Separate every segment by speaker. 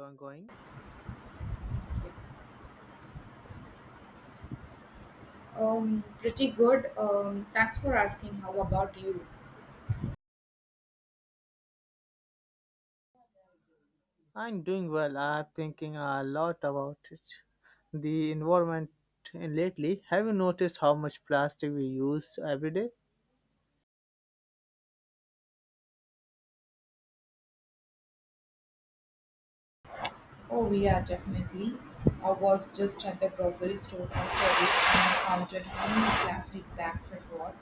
Speaker 1: I'm going.
Speaker 2: Pretty good. Thanks for asking. How about you?
Speaker 1: I'm doing well. I'm thinking a lot about it. The environment in lately. Have you noticed how much plastic we use every day?
Speaker 2: Oh, yeah, definitely. I was just at the grocery store after it and I counted how many plastic bags I got.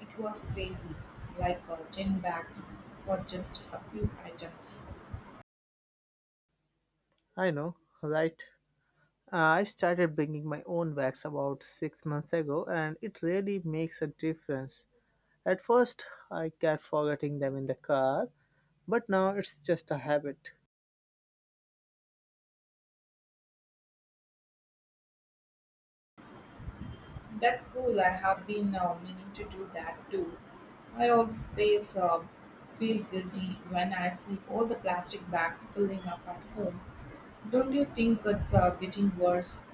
Speaker 2: It was crazy, like 10 bags for just a few items.
Speaker 1: I know, right? I started bringing my own bags about 6 months ago, and it really makes a difference. At first, I kept forgetting them in the car, but now it's just a habit.
Speaker 2: That's cool. I have been meaning to do that too. I always feel guilty when I see all the plastic bags filling up at home. Don't you think it's getting worse?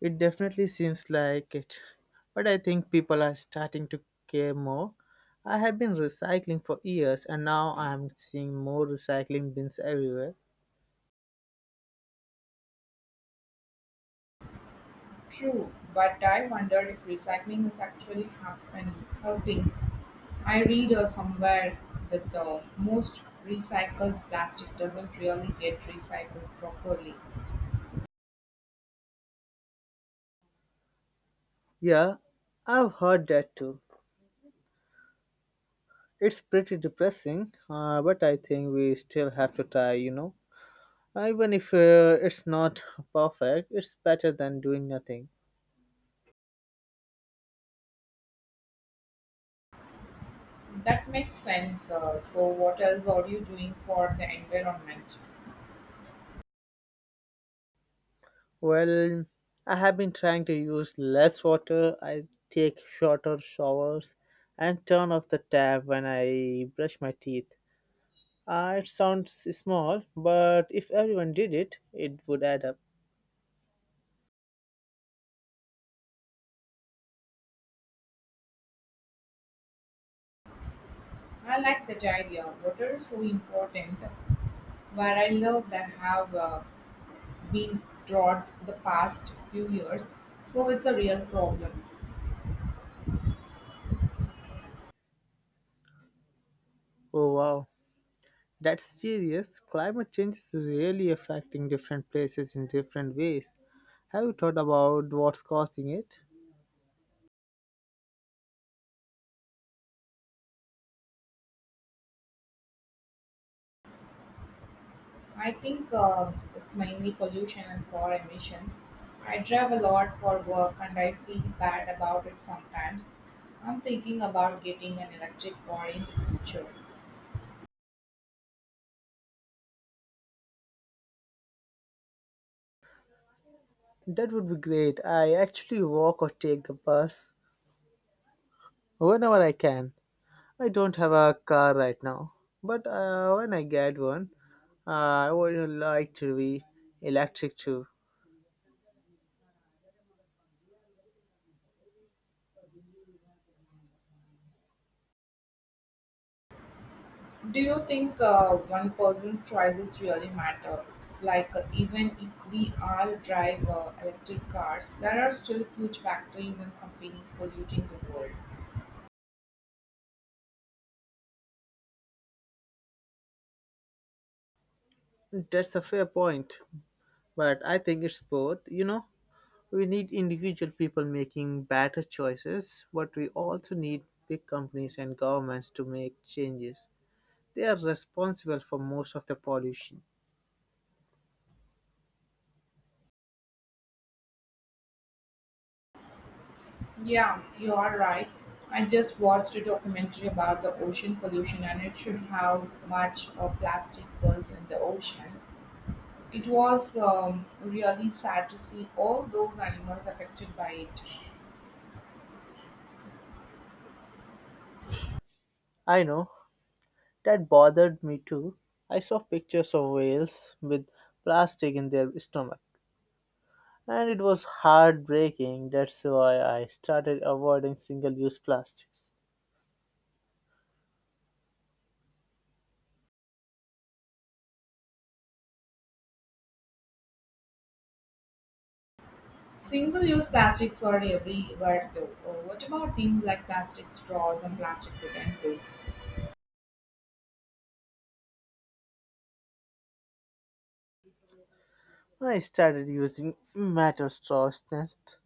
Speaker 1: It definitely seems like it. But I think people are starting to care more. I have been recycling for years and now I am seeing more recycling bins everywhere.
Speaker 2: True, but I wonder if recycling is actually helping. I read somewhere that the most recycled plastic doesn't really get recycled properly.
Speaker 1: Yeah, I've heard that too. It's pretty depressing, but I think we still have to try. Even if it's not perfect, it's better than doing nothing.
Speaker 2: That makes sense. So, what else are you doing for the environment?
Speaker 1: Well, I have been trying to use less water. I take shorter showers and turn off the tap when I brush my teeth. It sounds small, but if everyone did it, it would add up.
Speaker 2: I like that idea. Water is so important. Where I live, there have been droughts for the past few years, so it's a real problem.
Speaker 1: Oh wow, that's serious. Climate change is really affecting different places in different ways. Have you thought about what's causing it?
Speaker 2: I think it's mainly pollution and car emissions. I drive a lot for work and I feel bad about it sometimes. I'm thinking about getting an electric car in the future.
Speaker 1: That would be great. I actually walk or take the bus whenever I can. I don't have a car right now, but when I get one, uh, I would like to be electric too.
Speaker 2: Do you think one person's choices really matter? Like, even if we all drive electric cars, there are still huge factories and companies polluting the world.
Speaker 1: That's a fair point, but I think it's both. You know, we need individual people making better choices, but we also need big companies and governments to make changes. They are responsible for most of the pollution.
Speaker 2: Yeah, you are right. I just watched a documentary about the ocean pollution and it showed how much of plastic goes in the ocean. It was really sad to see all those animals affected by it.
Speaker 1: I know that bothered me too. I saw pictures of whales with plastic in their stomach and it was heartbreaking. That's why I started avoiding single use plastics.
Speaker 2: Single use plastics are everywhere though. What about things like plastic straws and plastic utensils?
Speaker 1: I started using metal straws next,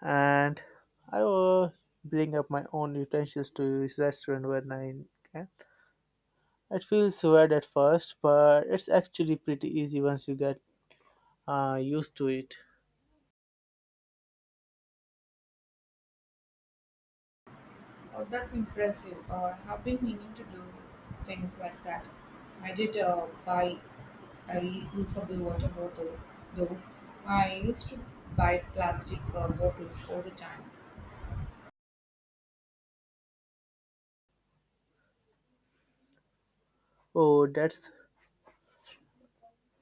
Speaker 1: and I will bring up my own utensils to this restaurant when I can. It feels weird at first, but it's actually pretty easy once you get used to it.
Speaker 2: Oh, that's impressive. I have been meaning to do things like that. I did buy a reusable water bottle, though. I used to buy plastic bottles all the time.
Speaker 1: Oh, that's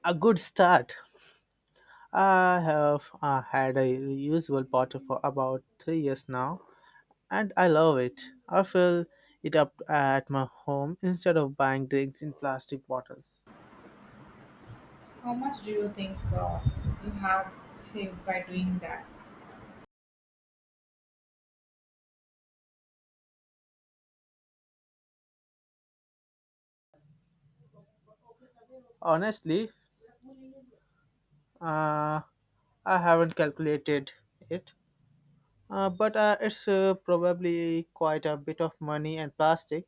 Speaker 1: a good start. I have had a reusable bottle for about 3 years now, and I love it. I fill it up at my home instead of buying drinks in plastic bottles.
Speaker 2: How much do you think you have saved by doing that?
Speaker 1: Honestly, uh, I haven't calculated it, but it's probably quite a bit of money and plastic.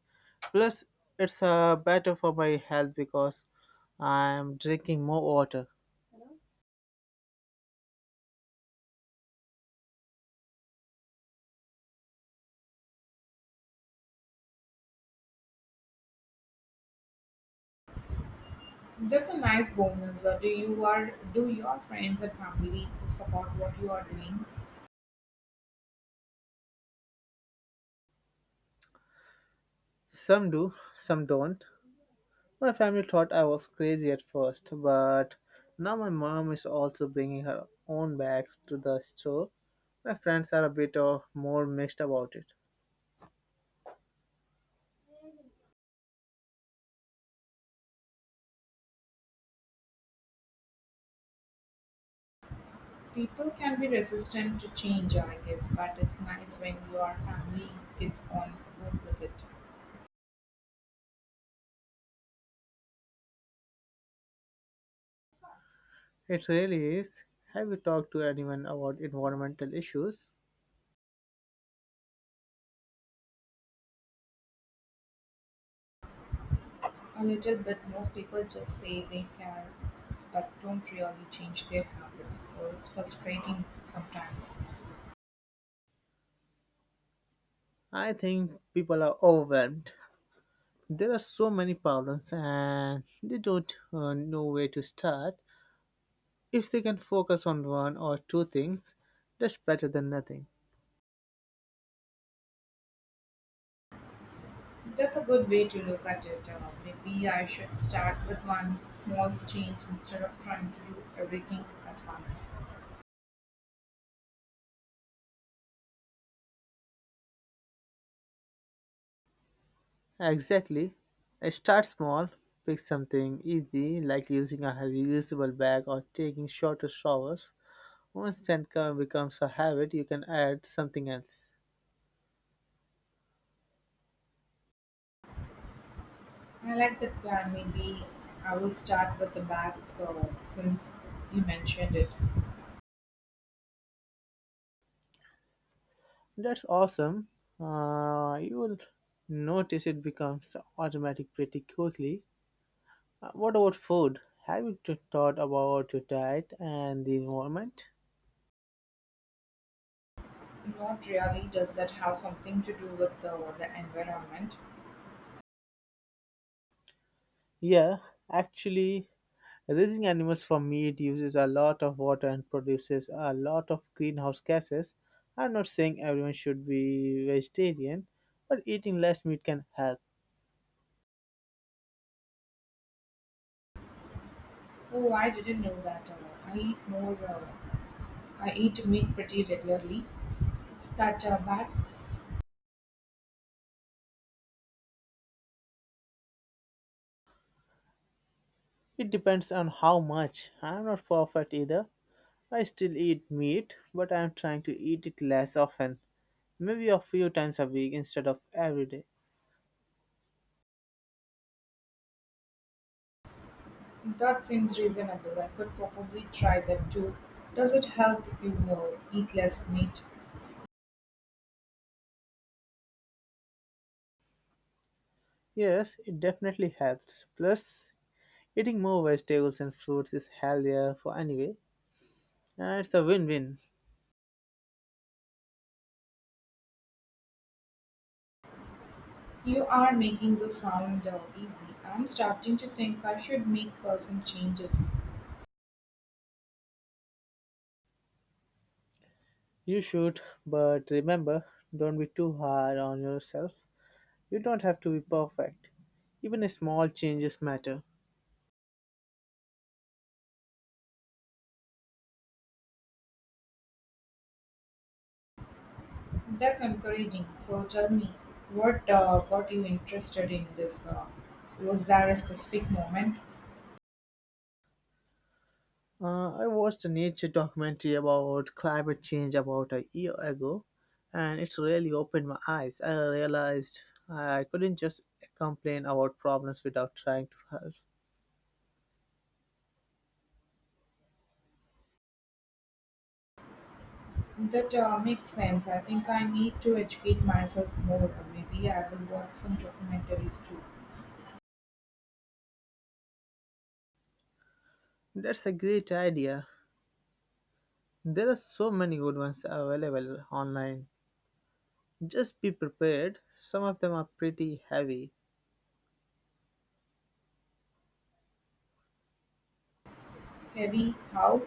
Speaker 1: Plus, it's better for my health because I'm drinking more water.
Speaker 2: That's a nice bonus. Do you are do your friends and family support what you are doing?
Speaker 1: Some do, some don't. My family thought I was crazy at first, but now my mom is also bringing her own bags to the store. My friends are a bit of more mixed about it.
Speaker 2: People can be resistant to change, I guess, but it's nice when your family gets on board with it.
Speaker 1: It really is. Have you talked to anyone about environmental issues?
Speaker 2: A little bit. Most people just say they care but don't really change their habits. So it's frustrating sometimes.
Speaker 1: I think people are overwhelmed. There are so many problems and they don't know where to start. If they can focus on one or two things, that's better than nothing.
Speaker 2: That's a good way to look at it. Maybe I should start with one small change instead of trying to do everything at once.
Speaker 1: Exactly. I start small, pick something easy like using a reusable bag or taking shorter showers. Once that becomes a habit, you can add something else.
Speaker 2: I like that plan. Maybe I will start with the bag. So since you mentioned it,
Speaker 1: That's awesome. You will notice it becomes automatic pretty quickly. What about food? Have you thought about your diet and the environment?
Speaker 2: not really. Does that have something to do with the environment?
Speaker 1: Yeah, actually, raising animals for meat uses a lot of water and produces a lot of greenhouse gases. I'm not saying everyone should be vegetarian, but eating less meat can help.
Speaker 2: Oh, I didn't know that. I eat more. I eat meat pretty regularly. It's that bad?
Speaker 1: It depends on how much. I'm not perfect either, I still eat meat, but I am trying to eat it less often, maybe a few times a week instead of every day.
Speaker 2: That seems reasonable. I could probably try that too. Does it help if you eat less meat?
Speaker 1: Yes, it definitely helps. Plus, eating more vegetables and fruits is healthier for anyway, and it's a win-win.
Speaker 2: You are making this sound easy. I'm starting to think I should make some changes.
Speaker 1: You should, but remember, don't be too hard on yourself. You don't have to be perfect. Even small changes matter.
Speaker 2: That's encouraging. So tell me, what got you interested in this? Was there a specific moment?
Speaker 1: I watched a nature documentary about climate change about a year ago, and it really opened my eyes. I realized I couldn't just complain about problems without trying to help.
Speaker 2: That makes sense. I think I need to educate myself more. Maybe I will watch some documentaries too.
Speaker 1: That's a great idea. There are so many good ones available online. Just be prepared, some of them are pretty heavy.
Speaker 2: Heavy? How?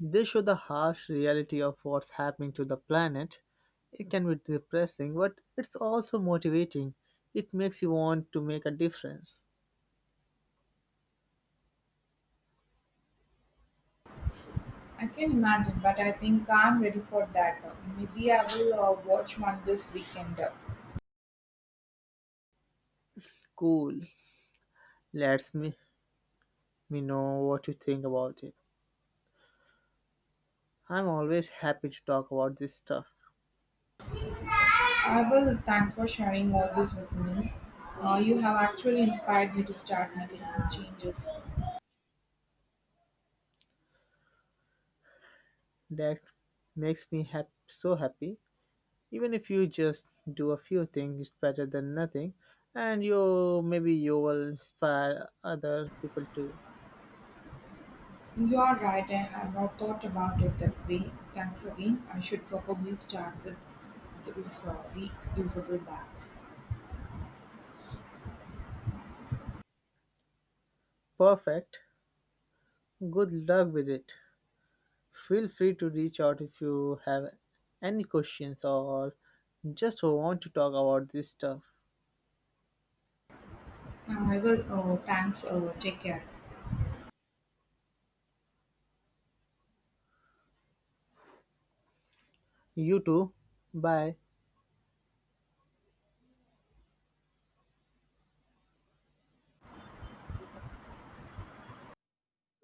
Speaker 1: They show the harsh reality of what's happening to the planet. It can be depressing, but it's also motivating. It makes you want to make a difference.
Speaker 2: I can imagine, but I think I'm ready for that. Maybe I will watch one this weekend.
Speaker 1: Cool. Let's me me know what you think about it. I'm always happy to talk about this stuff.
Speaker 2: I will. Thanks for sharing all this with me. You have actually inspired me to start making some changes.
Speaker 1: That makes me so happy. Even if you just do a few things, it's better than nothing. And you maybe you will inspire other people too.
Speaker 2: You are right, I have not thought about it that way. Thanks again. I should probably start with those reusable bags.
Speaker 1: Perfect. Good luck with it. Feel free to reach out if you have any questions or just want to talk about this stuff.
Speaker 2: I will. Thanks. Take care.
Speaker 1: You too. Bye.